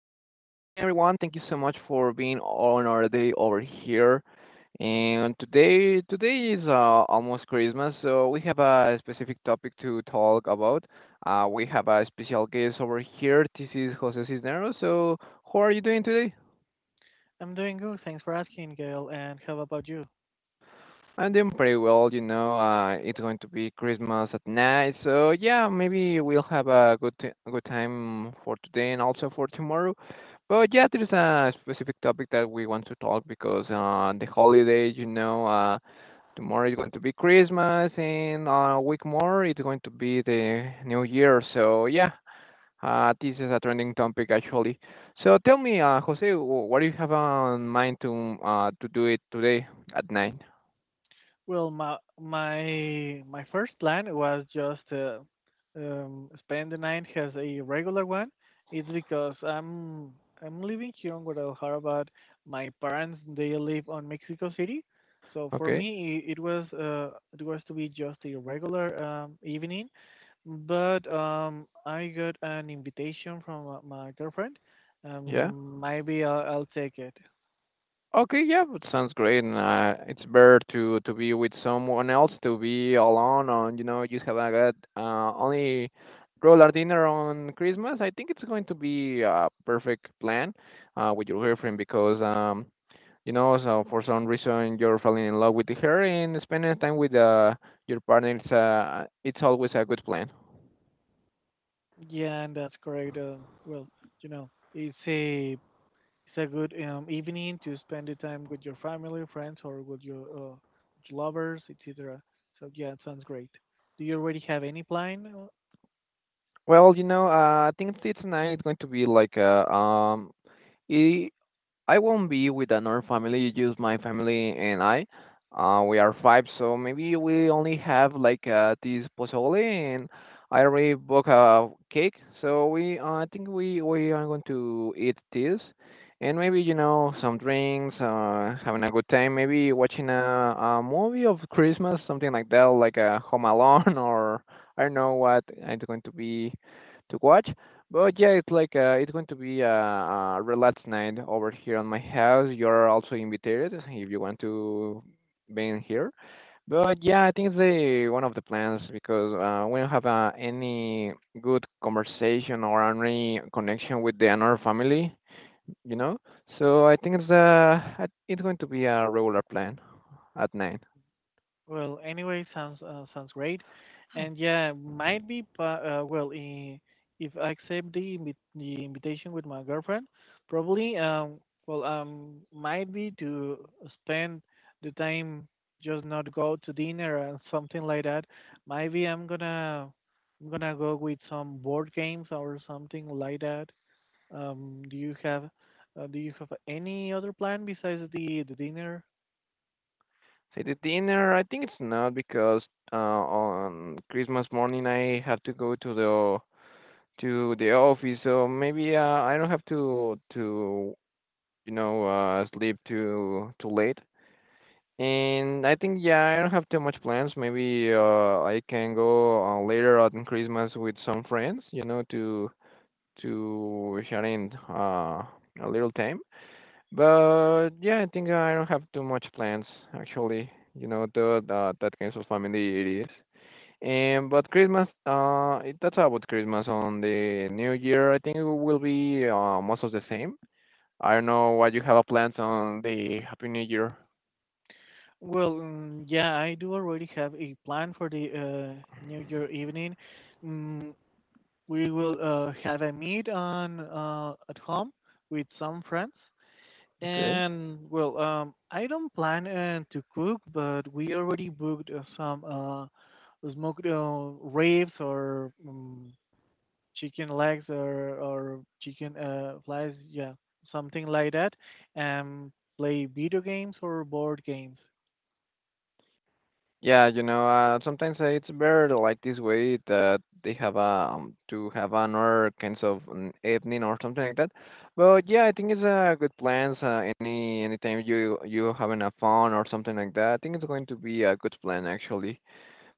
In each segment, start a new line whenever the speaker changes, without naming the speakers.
everyone. Thank you so much for being on our day over here. And today is almost Christmas, so we have a specific topic to talk about. We have a special guest over here. This is Jose Cisneros. So, how are you doing today?
I'm doing good. Thanks for asking, Gail. And how about you?
I'm doing pretty well. It's going to be Christmas at night, so yeah, maybe we'll have a good time for today and also for tomorrow. But yeah, there's a specific topic that we want to talk because the holiday, tomorrow is going to be Christmas, and a week more it's going to be the New Year. So yeah, this is a trending topic actually. So tell me, Jose, what do you have on mind to do it today at night?
Well, my first plan was just spend the night as a regular one. It's because I'm living here in Guadalajara, but my parents they live on Mexico City, so for
Okay.
me it was to be just a regular evening. But I got an invitation from my girlfriend.
Yeah.
Maybe I'll take it.
Okay, yeah, it sounds great, and it's better to be with someone else, to be alone, and just have a good only roller dinner on Christmas. I think it's going to be a perfect plan with your girlfriend because so for some reason you're falling in love with her, and spending time with your partner is it's always a good plan.
Yeah, and that's correct. Well, you know, it's a it's a good evening to spend the time with your family, friends, or with your with lovers, etc. So yeah, it sounds great. Do you already have any plan?
Well, I think it's nice. It's going to be like a. I won't be with another family, just my family and I. We are five, so maybe we only have like this pozole, and I already booked a cake. So I think we are going to eat this, and maybe you know some drinks, having a good time, maybe watching a movie of Christmas, something like that, like a Home Alone, or I don't know what I'm going to watch. But yeah, it's going to be a relaxed night over here on my house. You're also invited if you want to be in here. But yeah, I think it's the one of the plans because we don't have any good conversation or any connection with the another family, you know. So I think it's going to be a regular plan at night.
Well, anyway, sounds great, and yeah, might be. Well, if I accept the the invitation with my girlfriend, probably well might be to spend the time, just not go to dinner and something like that. Maybe I'm gonna go with some board games or something like that. Um, do you have do you have any other plan besides the dinner?
Say the dinner, I think it's not because on Christmas morning I have to go to the office, so maybe I don't have to sleep too late. And I think yeah, I don't have too much plans. Maybe I can go later on Christmas with some friends, to shut in a little time. But yeah, I think I don't have too much plans actually. The that kind of family it is. And but Christmas, that's about Christmas. On the New Year, I think it will be most of the same. I don't know what you have a plans on the Happy New Year.
Well, yeah, I do already have a plan for the New Year evening. Mm, we will have a meet on at home with some friends,
Okay.
and well, I don't plan to cook, but we already booked some smoked ribs or chicken legs or chicken flies, yeah, something like that, and play video games or board games.
Yeah, sometimes it's better to like this way that they have to have another kinds of an evening or something like that. But yeah, I think it's a good plans. Anytime you having a fun or something like that, I think it's going to be a good plan actually.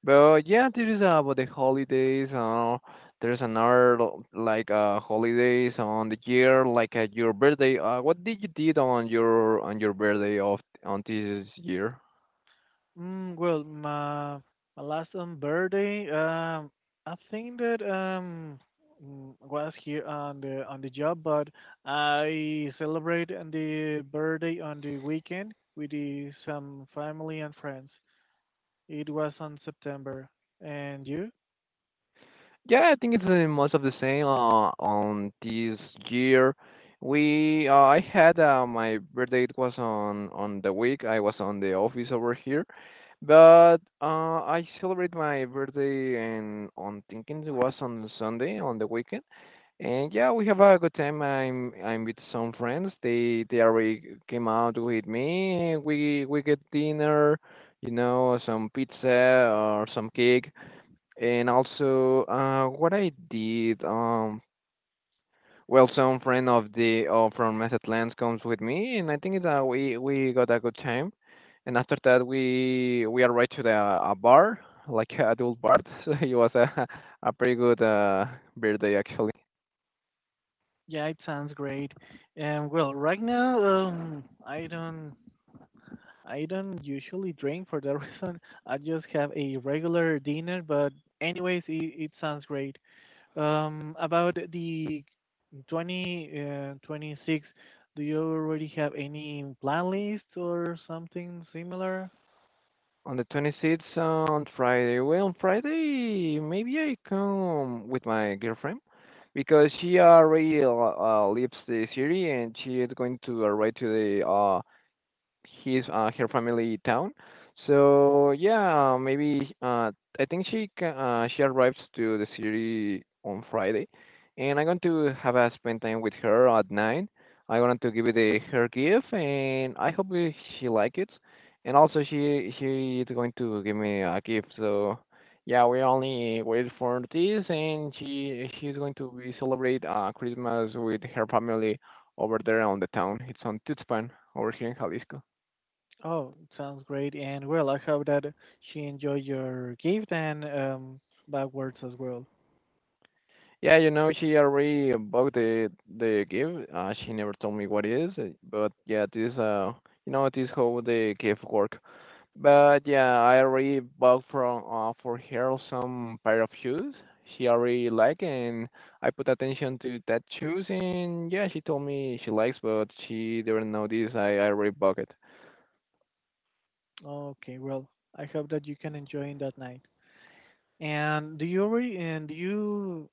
But yeah, this is about the holidays. There's another like holidays on the year, like your birthday. What did you did on your birthday of on this year?
Well, my last birthday, I think that was here on the job, but I celebrate on the birthday on the weekend with some family and friends. It was on September. And you?
Yeah, I think it's most of the same. On this year, we I had my birthday. It was on the week. I was on the office over here, but I celebrate my birthday and on thinking it was on Sunday on the weekend. And yeah, we have a good time. I'm with some friends. They already came out with me. We get dinner, some pizza or some cake. And also, what I did, well, some friend of the from Mazatlan comes with me, and I think that we got a good time. And after that, we arrived to the a bar, like a adult bar. So it was a pretty good birthday actually.
Yeah, it sounds great. Well, right now, I don't usually drink for that reason. I just have a regular dinner, but anyways, it sounds great. About the 20, 26, do you already have any plan lists or something similar?
On the 26th on Friday. Well, on Friday maybe I come with my girlfriend because she already leaves the city and she is going to arrive to the his her family town. So yeah, maybe I think she arrives to the city on Friday, and I'm going to have a spend time with her at night. I wanted to give her gift, and I hope she like it. And also she is going to give me a gift. So yeah, we only wait for this, and she's going to be celebrate Christmas with her family over there on the town. It's on Tuxpan over here in Jalisco.
Oh, sounds great. And well, I hope that she enjoyed your gift and, backwards as well.
Yeah, she already bought the gift. She never told me what it is, but yeah, this how the gift work. But yeah, I already bought from for her some pair of shoes she already like, and I put attention to that shoes, and yeah, she told me she likes, but she didn't know this. I already bought it.
Okay, well, I hope that you can enjoy in that night. And do you already, and do you,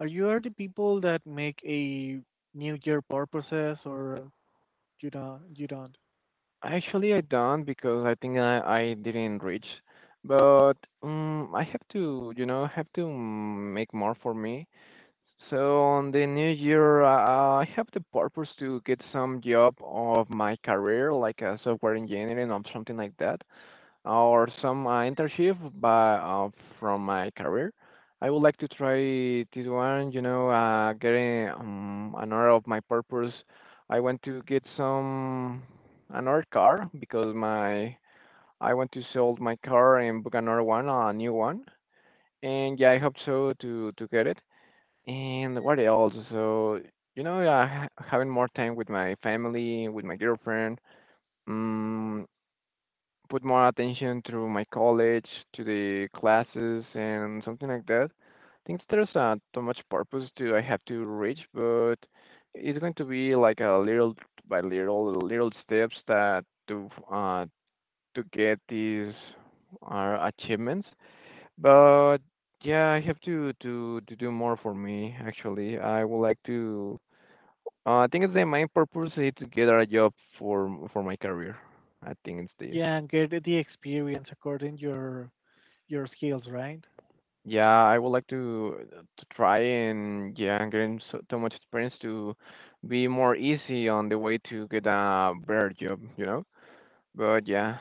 are you are the people that make a New Year purposes, or you don't?
Actually, I don't because I think I didn't reach, but I have to, make more for me. So on the new year, I have the purpose to get some job of my career, like a software engineering or something like that, or some internship by, uh, from my career. I would like to try this one, getting another of my purpose. I want to get some another car because my I want to sell my car and book another one, a new one. And yeah, I hope so to get it. And what else? So, yeah, having more time with my family, with my girlfriend, um, put more attention to my college, to the classes, and something like that. I think there's not too much purpose to I have to reach, but it's going to be like a little by little, little steps that to get these achievements. But yeah, I have to do more for me actually. I would like to I think it's the main purpose is to get a job for my career. I think it's this.
Yeah, and get the experience according your skills, right?
Yeah, I would like to try and yeah, getting so, so much experience to be more easy on the way to get a better job, you know? But yeah.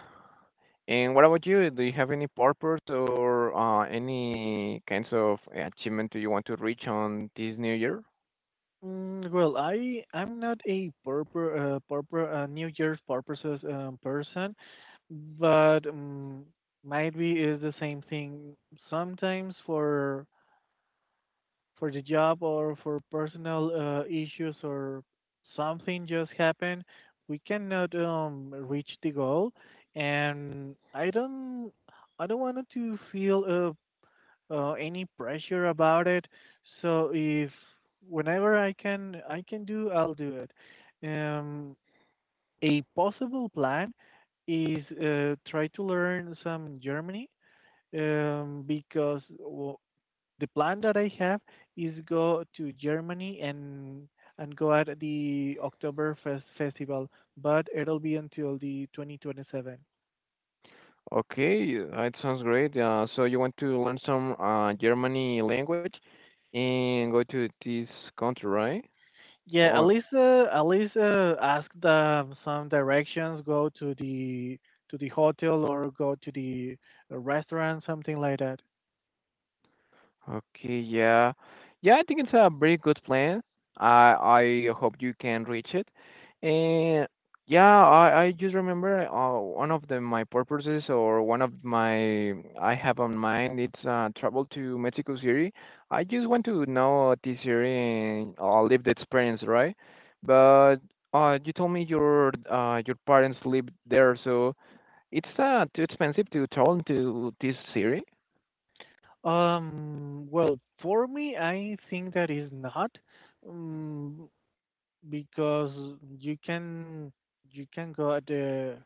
And what about you? Do you have any purpose or any kinds of achievement do you want to reach on this new year?
Well, I'm not a purpose purpose New Year's purposes person, but might be is the same thing sometimes for the job or for personal issues or something just happened, we cannot reach the goal, and I don't want to feel any pressure about it. So if whenever I can do, I'll do it. Um, a possible plan is, try to learn some Germany, because w the plan that I have is go to Germany and go at the Oktoberfest festival, but it'll be until the 2027.
Okay, it sounds great. So you want to learn some Germany language and go to this country, right?
Yeah,
On,
Elisa asked them some directions, go to the hotel, or go to the restaurant, something like that.
Okay, yeah. Yeah, I think it's a very good plan. I hope you can reach it. And yeah, I just remember one of the my purposes or one of my I have on mind it's travel to Mexico City. I just want to know this area and live the experience, right? But you told me your parents live there, so it's too expensive to travel to this city.
Well, for me, I think that is not, um, because you can go at the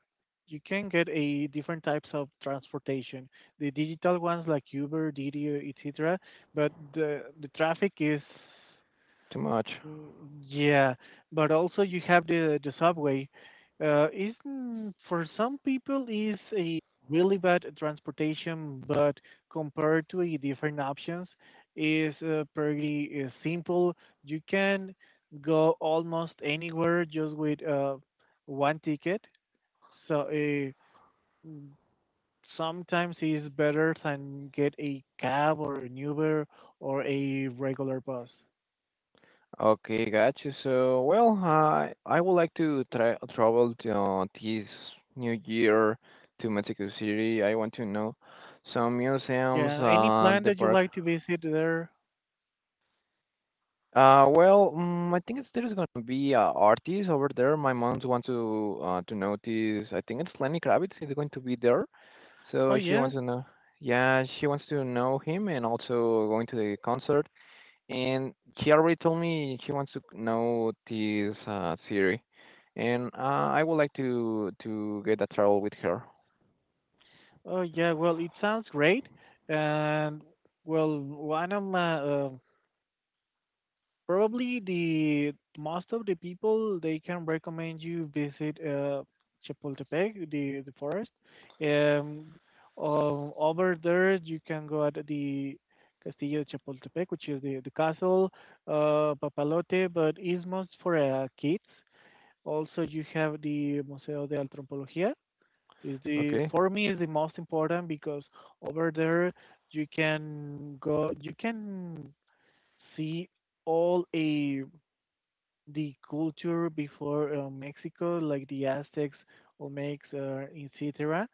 you can get a different types of transportation, the digital ones like Uber, Didi, etc. But the traffic is.
Too much.
Mm, Yeah, but also you have the subway. Isn't for some people is a really bad transportation, but compared to the different options, is pretty simple. You can go almost anywhere just with one ticket. So mm, sometimes it's better than get a cab or an Uber or a regular bus.
Okay, got you. So, well, I would like to travel to this new year to Mexico City. I want to know some museums,
Yeah, any plan
the
that you
park.
like to visit there?
Well, I think there's gonna be artists over there. My mom wants to notice. I think it's Lenny Kravitz is going to be there,
Oh
so she
yeah,
wants to know. Yeah, she wants to know him and also going to the concert. And she already told me she wants to know this theory, and I would like to get a travel with her.
oh yeah. Well, it sounds great, and well, one of my probably the most of the people they can recommend you visit Chapultepec, the forest. Um, Over there, you can go at the Castillo de Chapultepec, which is the castle. Papalote, but it's most for kids. Also, you have the Museo de Antropología, is the
Okay.
for me is the most important, because over there you can see all a the culture before Mexico, like the Aztecs, Olmecs, etc.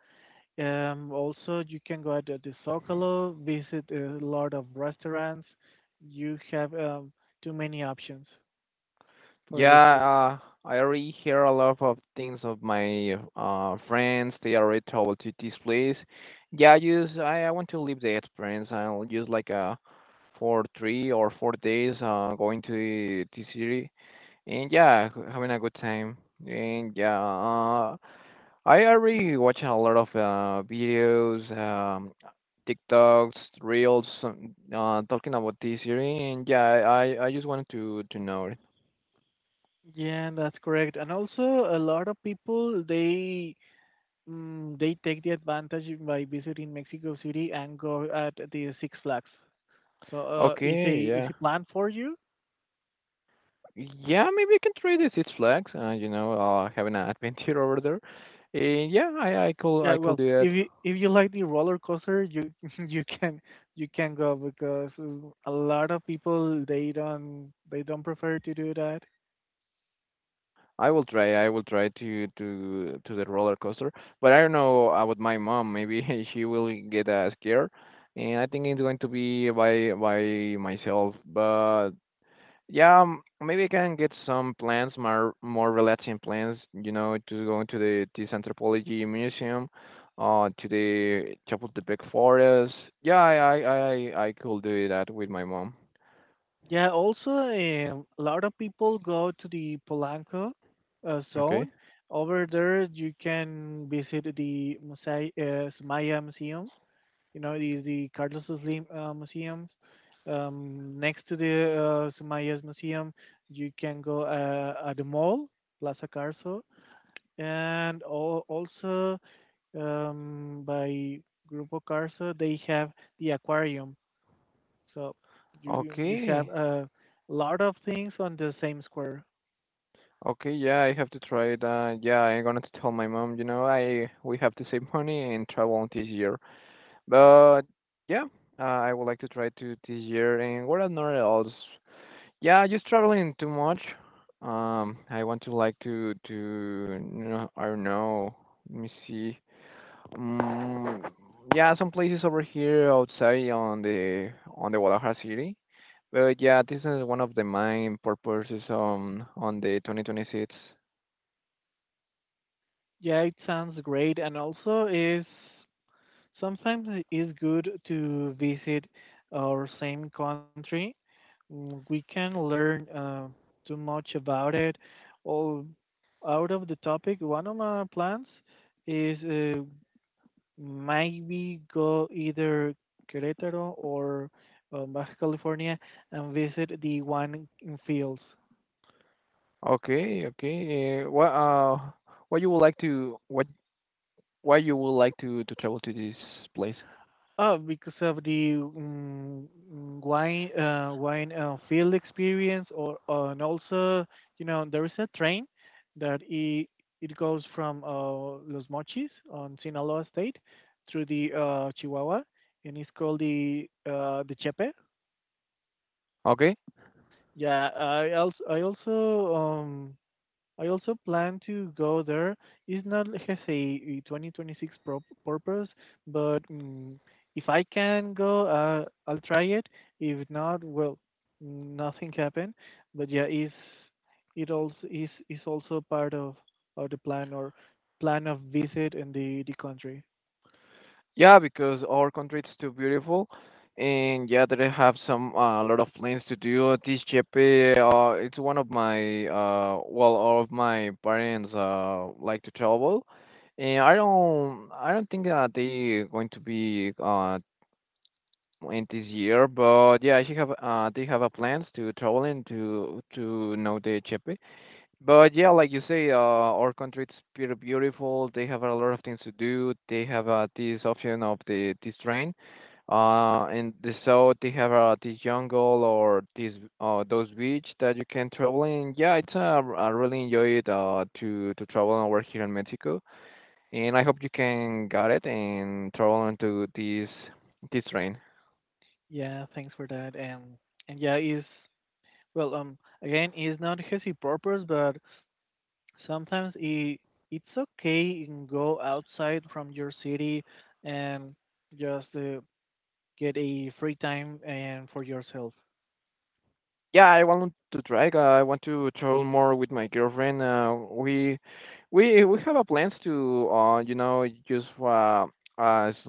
Also, you can go at the Zocalo, visit a lot of restaurants. You have, too many options for the
Yeah,
food.
I already hear a lot of things of my friends. They already traveled to this place. Yeah, I want to live the experience. I'll just like for 3 or 4 days going to the city, and yeah, having a good time. And yeah, I already watch a lot of videos, TikToks, reels, talking about this series, and yeah, I just wanted to know it.
Yeah, that's correct. And also, a lot of people they take the advantage by visiting Mexico City and go at the Six Flags. So,
Okay,
is
yeah,
a plan for you?
yeah, maybe I can try the Six Flags. Having an adventure over there, and yeah, I I could
Yeah,
I could
well,
do
if
that.
you if you like the roller coaster, you you can you can go because a lot of people they don't prefer to do that.
I will try. I will try to the roller coaster, but I don't know about my mom. Maybe she will get scared, and I think it's going to be by myself. But Yeah, maybe I can get some plans, more relaxing plans to go into the this anthropology museum, to the Chapultepec forest. Yeah, I could do that with my mom.
Yeah, also a lot of people go to the Polanco
Okay.
zone. Over there, you can visit the Sumaya Museum, the Carlos's Museum. Next to the Sumaya's Museum, you can go at the mall, Plaza Carso, and also, by Grupo Carso, they have the aquarium. So you have
Okay.
a lot of things on the same square.
Okay, yeah, I have to try that. Yeah, I'm gonna tell my mom, you know, I we have to save money and travel this year. But yeah, I would like to try to this year. And what are not else? Yeah, just traveling too much. I want to like to, I don't know. Let me see. Um, yeah, some places over here outside on the Guadalajara city. But yeah, this is one of the main purposes on the 2026.
Yeah, it sounds great, and also is sometimes it is good to visit our same country. We can learn too much about it. All out of the topic, one of my plans is, maybe go either Querétaro or Baja California, and visit the wine fields.
Okay, okay. What you would like to what why you would like to travel to this place?
Oh, because of the wine field experience, or, and also, there is a train that it goes from Los Mochis on Sinaloa State through the Chihuahua, and it's called the the Chepe.
Okay.
Yeah, I also plan to go there. It's not like I say a 2026 purpose, but if I can go, I'll try it. If not, well, nothing happened. But yeah, is also part of the plan, or plan of visit in the country.
Yeah, because our country is too beautiful, and yeah, they have some a lot of plans to do. This Chepe, it's one of my well, all of my parents like to travel, and I don't think that they going to be in this year, but yeah, she have they have a plans to travel and to know the Chepe, but yeah, like you say, our country it's pretty beautiful. They have a lot of things to do. They have this option of the this train, so they have this jungle or this those beach that you can travel in. Yeah, it's I really enjoy it to travel over here in Mexico, and I hope you can get it and travel into this train.
Yeah, thanks for that. And yeah, is well, again, it's not his purpose, but sometimes it's okay, you go outside from your city and just get a free time and for yourself.
Yeah, I want to try. I want to travel more with my girlfriend. We have a plans to uh s-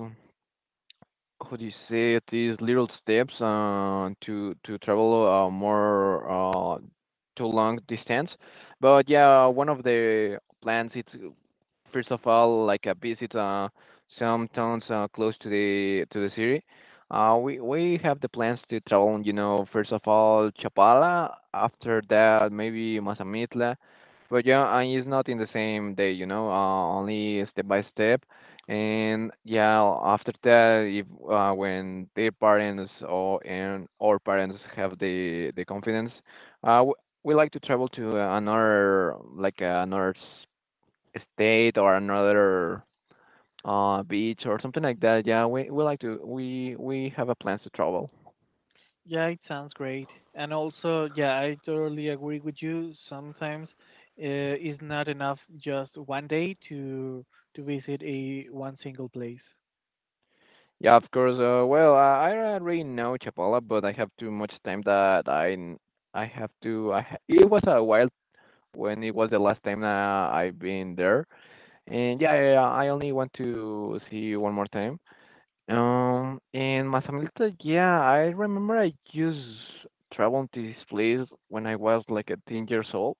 how do you say it, these little steps to travel more uh to long distance. But yeah, one of the plans it's first of all, like a visit some towns close to the city. We have the plans to travel. You know, first of all, Chapala. After that, maybe Mazamitla. But yeah, it's not in the same day. You know, only step by step. And yeah, after that, if when their parents or and our parents have the confidence, uh, w- we like to travel to another like another state or another beach or something like that. Yeah, we like to we have a plans to travel.
Yeah, it sounds great, and also, yeah, I totally agree with you. Sometimes it's not enough just one day to visit a one single place.
Yeah, of course. Well, I already know Chapala, but I have too much time that I n- I have to. I ha it was a while when it was the last time that I've been there, and yeah, I only want to see you one more time. In Mazamitla, yeah, I remember I used traveled to this place when I was like a 10 years old.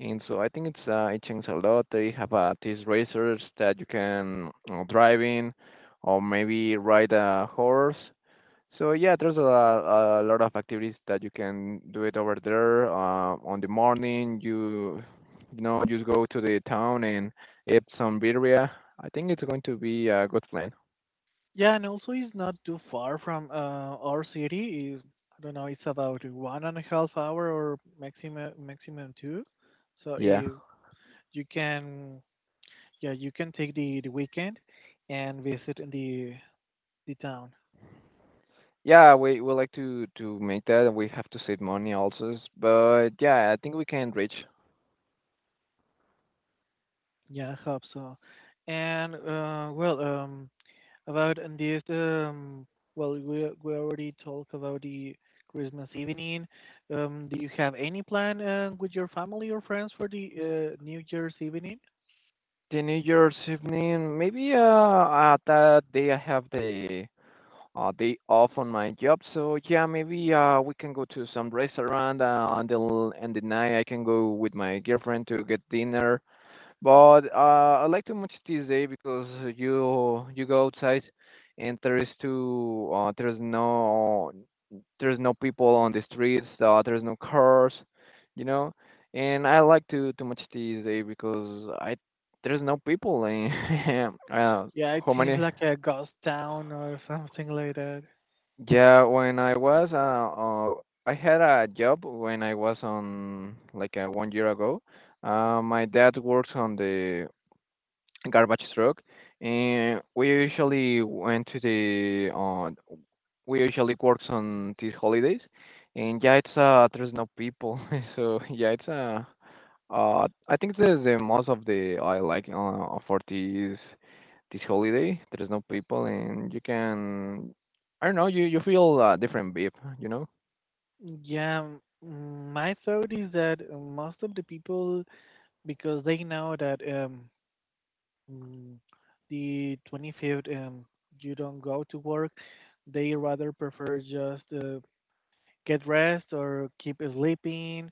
And so I think it's it changed a lot. They have these racers that you can drive in, or maybe ride a horse. So yeah, there's a lot of activities that you can do it over there. On the morning, you know just go to the town and eat some birria. I think it's going to be a good plan.
Yeah, and also, it's not too far from our city. Is I don't know, it's about one and a half hour, or maximum two, so
Yeah.
it. You can Yeah, you can take the weekend and visit in the town.
Yeah, we like to make that. And we have to save money also, but yeah, I think we can reach.
Yeah, I hope so. And well, about in this, well, we already talked about the Christmas evening. Do you have any plan with your family or friends for the New Year's evening?
The New Year's evening, maybe that day I have the day off on my job, so yeah, maybe we can go to some restaurant and the night I can go with my girlfriend to get dinner, but I like too much this day because you go outside and there is too there's no people on the streets. There's no cars, you know. And I like to too much this day because I there's no people. And uh,
Yeah, it
how
seems
many?
like a ghost town or something like that.
Yeah, when I was I had a job when I was on like 1 year ago. My dad works on the garbage truck, and we usually went to the we usually works on these holidays, and yeah, it's there's no people, so yeah, it's I think the most of the I like for this holiday there's no people and you can I don't know you you feel a different vibe, you know.
Yeah. My thought is that most of the people, because they know that Mm, the 25th, you don't go to work. They rather prefer just get rest or keep sleeping.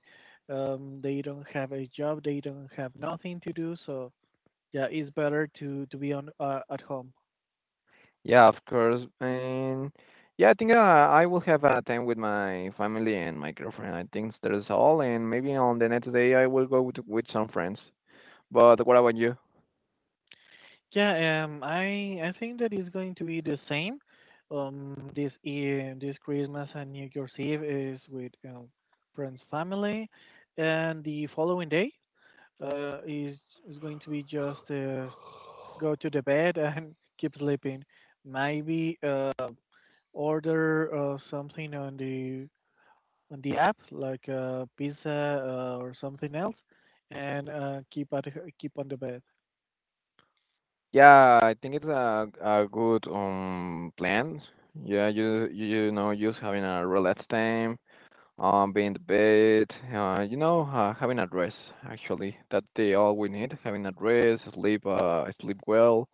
They don't have a job. They don't have nothing to do. So yeah, it's better to be on at home.
Yeah, of course. And yeah, I think I will have a time with my family and my girlfriend. I think that is all. And maybe on the next day I will go with some friends. But what about you?
Yeah, I think that is going to be the same. This year, this Christmas and New Year's Eve is with, friends, family, and the following day uh, is is going to be just, go to the bed and keep sleeping. Maybe order something on the app, like pizza, or something else, and keep on the bed.
Yeah, I think it's a good plan. Yeah, you know just having a relaxed time, being in the bed, having a rest. Actually, that they all we need having a rest, sleep, sleep well,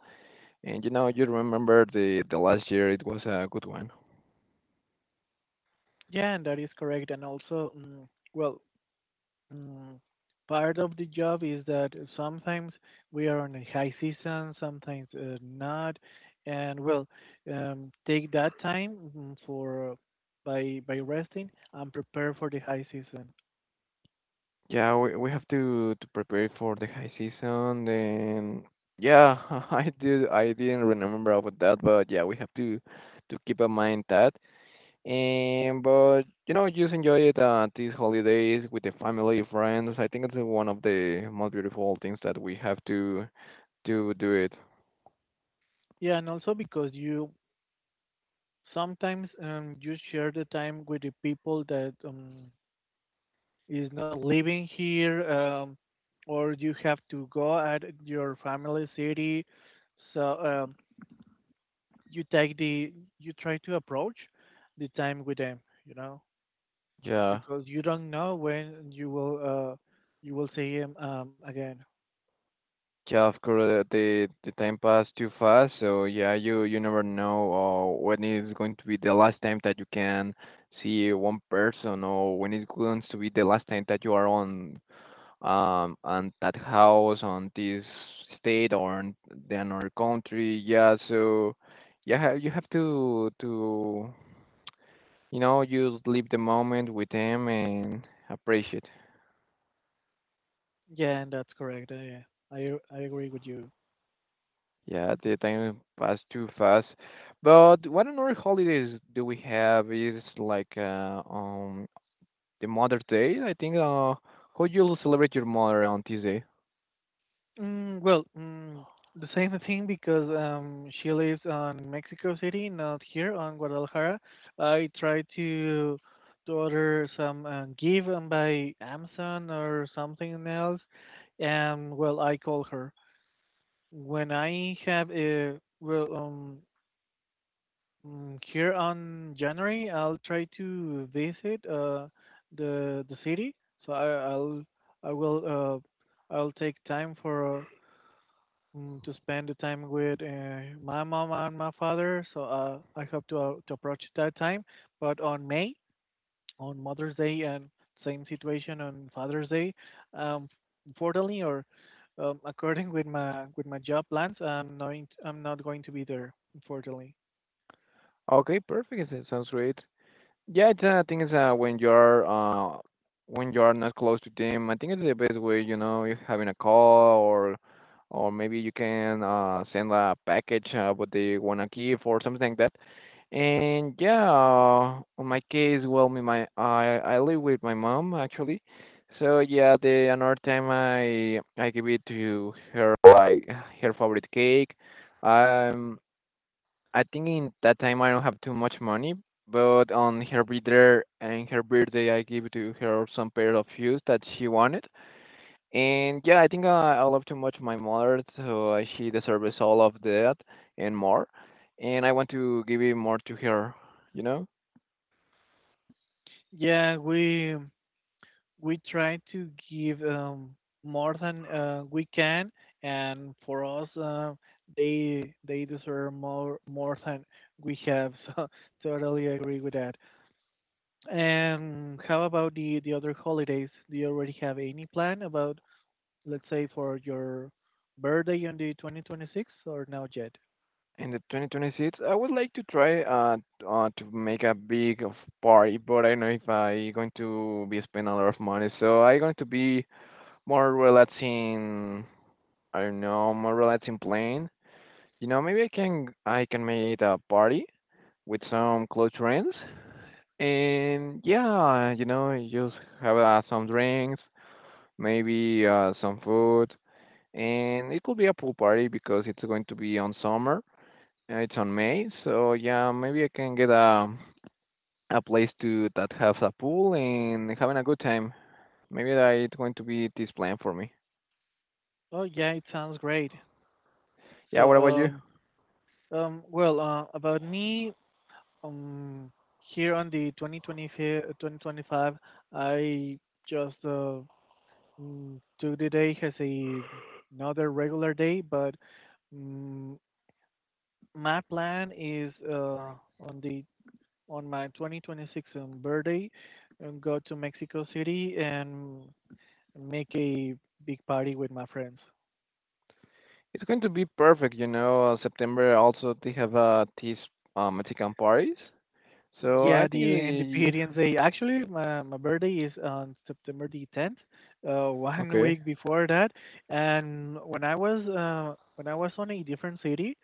and you know you remember the last year it was a good one.
Yeah, and that is correct. And also, well, Mm, part of the job is that sometimes we are on a high season, sometimes not, and well, take that time, for by resting and prepare for the high season.
Yeah, we have to prepare for the high season. Then yeah, I didn't remember about that, but yeah, we have to keep in mind that. And but you know, just enjoy it these holidays with the family, friends. I think it's one of the most beautiful things that we have to do it.
Yeah, and also because you sometimes you share the time with the people that, is not living here, or you have to go at your family city, so you take the you try to approach the time with them, you know
Yeah.
because you don't know when you will see him again.
Yeah, of course, the time passed too fast, so yeah, you never know when it's going to be the last time that you can see one person, or when it's going to be the last time that you are on that house, on this state, or on the another country. Yeah, so yeah, you have to just live the moment with them and appreciate.
Yeah, and that's correct. Yeah, I I agree with you.
Yeah, the time passed too fast. But what another holidays do we have is like the Mother Day. I think how you'll celebrate your mother on Tuesday.
Well, the same thing, because she lives on Mexico City, not here on Guadalajara. I try to order some give and by Amazon, or something else, and well, I call her. When I have a well, mm, Here on January, I'll try to visit the city. So I, I'll I will I'll take time for, to spend the time with, my mom and my father. So I hope to, to approach that time. But on May, on Mother's Day, and same situation on Father's Day. Um, Unfortunately, or according with my job plans, I'm not going to be there. Unfortunately,
Okay, perfect. It sounds great. Yeah, it's, I think it's when you're not close to them. I think it's the best way, you know, is having a call or maybe you can send a package what they wanna give or something like that. And yeah, on my case, well, me my I live with my mom actually, so yeah, the another time I give it to her like her favorite cake. Um, I think in that time I don't have too much money, but on her birthday and her birthday I give to her some pair of shoes that she wanted. And yeah, I think I love too much my mother, so she deserves all of that and more. And I want to give it more to her, you know.
yeah, we try to give, more than, we can, and for us, they deserve more than we have. So totally agree with that. And how about the other holidays? Do you already have any plan about, let's say for your birthday on the 2026 or now yet?
In the 2026, I would like to try to make a big of party, but I don't know if I going to be spend a lot of money. So I going to be more relaxing, I don't know, more relaxing plan. You know, maybe I can make a party with some close friends, and yeah, you know, just have some drinks, maybe some food, and it could be a pool party because it's going to be on summer. It's on May, so yeah, maybe I can get a place to that has a pool and having a good time. Maybe that it's going to be this plan for me.
Oh yeah, it sounds great.
Yeah, what about you?
So well, about me, um here on the 2025, I just took the day as a another regular day. But mm, my plan is on the on my 2026 birthday, and go to Mexico City and make a big party with my friends.
It's going to be perfect, you know. September also they have these Mexican parties, so I
Yeah,
think
the
the
Independence Day. Actually, my birthday is on September the 10th, one
okay.
week before that. And when I was on a different city.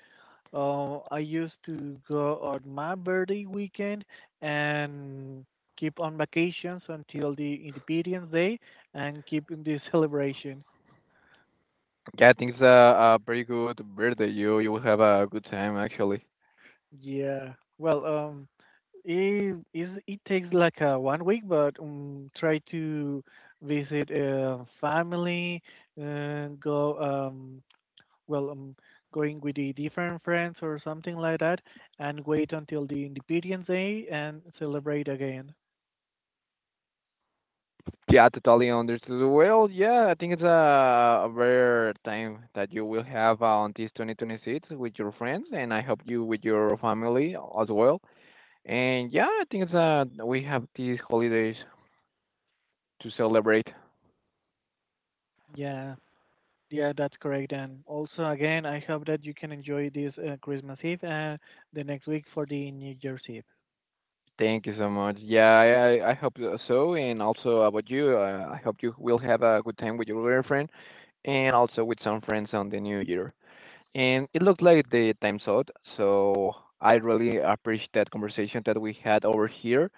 I used to go on my birthday weekend and keep on vacations until the Independence Day and keep in the celebration.
Yeah, I think it's a very good birthday. You will have a good time actually.
Yeah. Well, it takes like one week, but try to visit family, uh, go um, well, um, going with the different friends or something like that, and wait until the Independence Day and celebrate again.
Yeah, totally understood. Well, yeah, I think it's a rare time that you will have on this 2026 with your friends, and I hope you with your family as well. And yeah, I think it's we have these holidays to celebrate.
Yeah, yeah, that's correct. And also again, I hope that you can enjoy this Christmas Eve and the next week for the New Year's Eve.
Thank you so much. Yeah, I hope so. And also about you, I hope you will have a good time with your girlfriend and also with some friends on the new year. And it looked like the time's out, so I really appreciate that conversation that we had over here.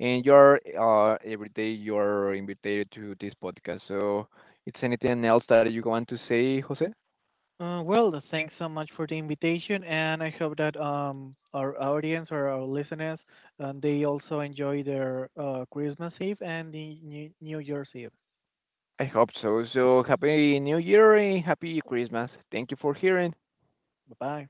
And you're every day you're invited to this podcast. So, it's anything else that you want to say, Jose?
Well, thanks so much for the invitation, and I hope that, our audience or our listeners, they also enjoy their Christmas Eve and the New Year's Eve.
I hope so. So, happy New Year and happy Christmas. Thank you for hearing.
Bye bye.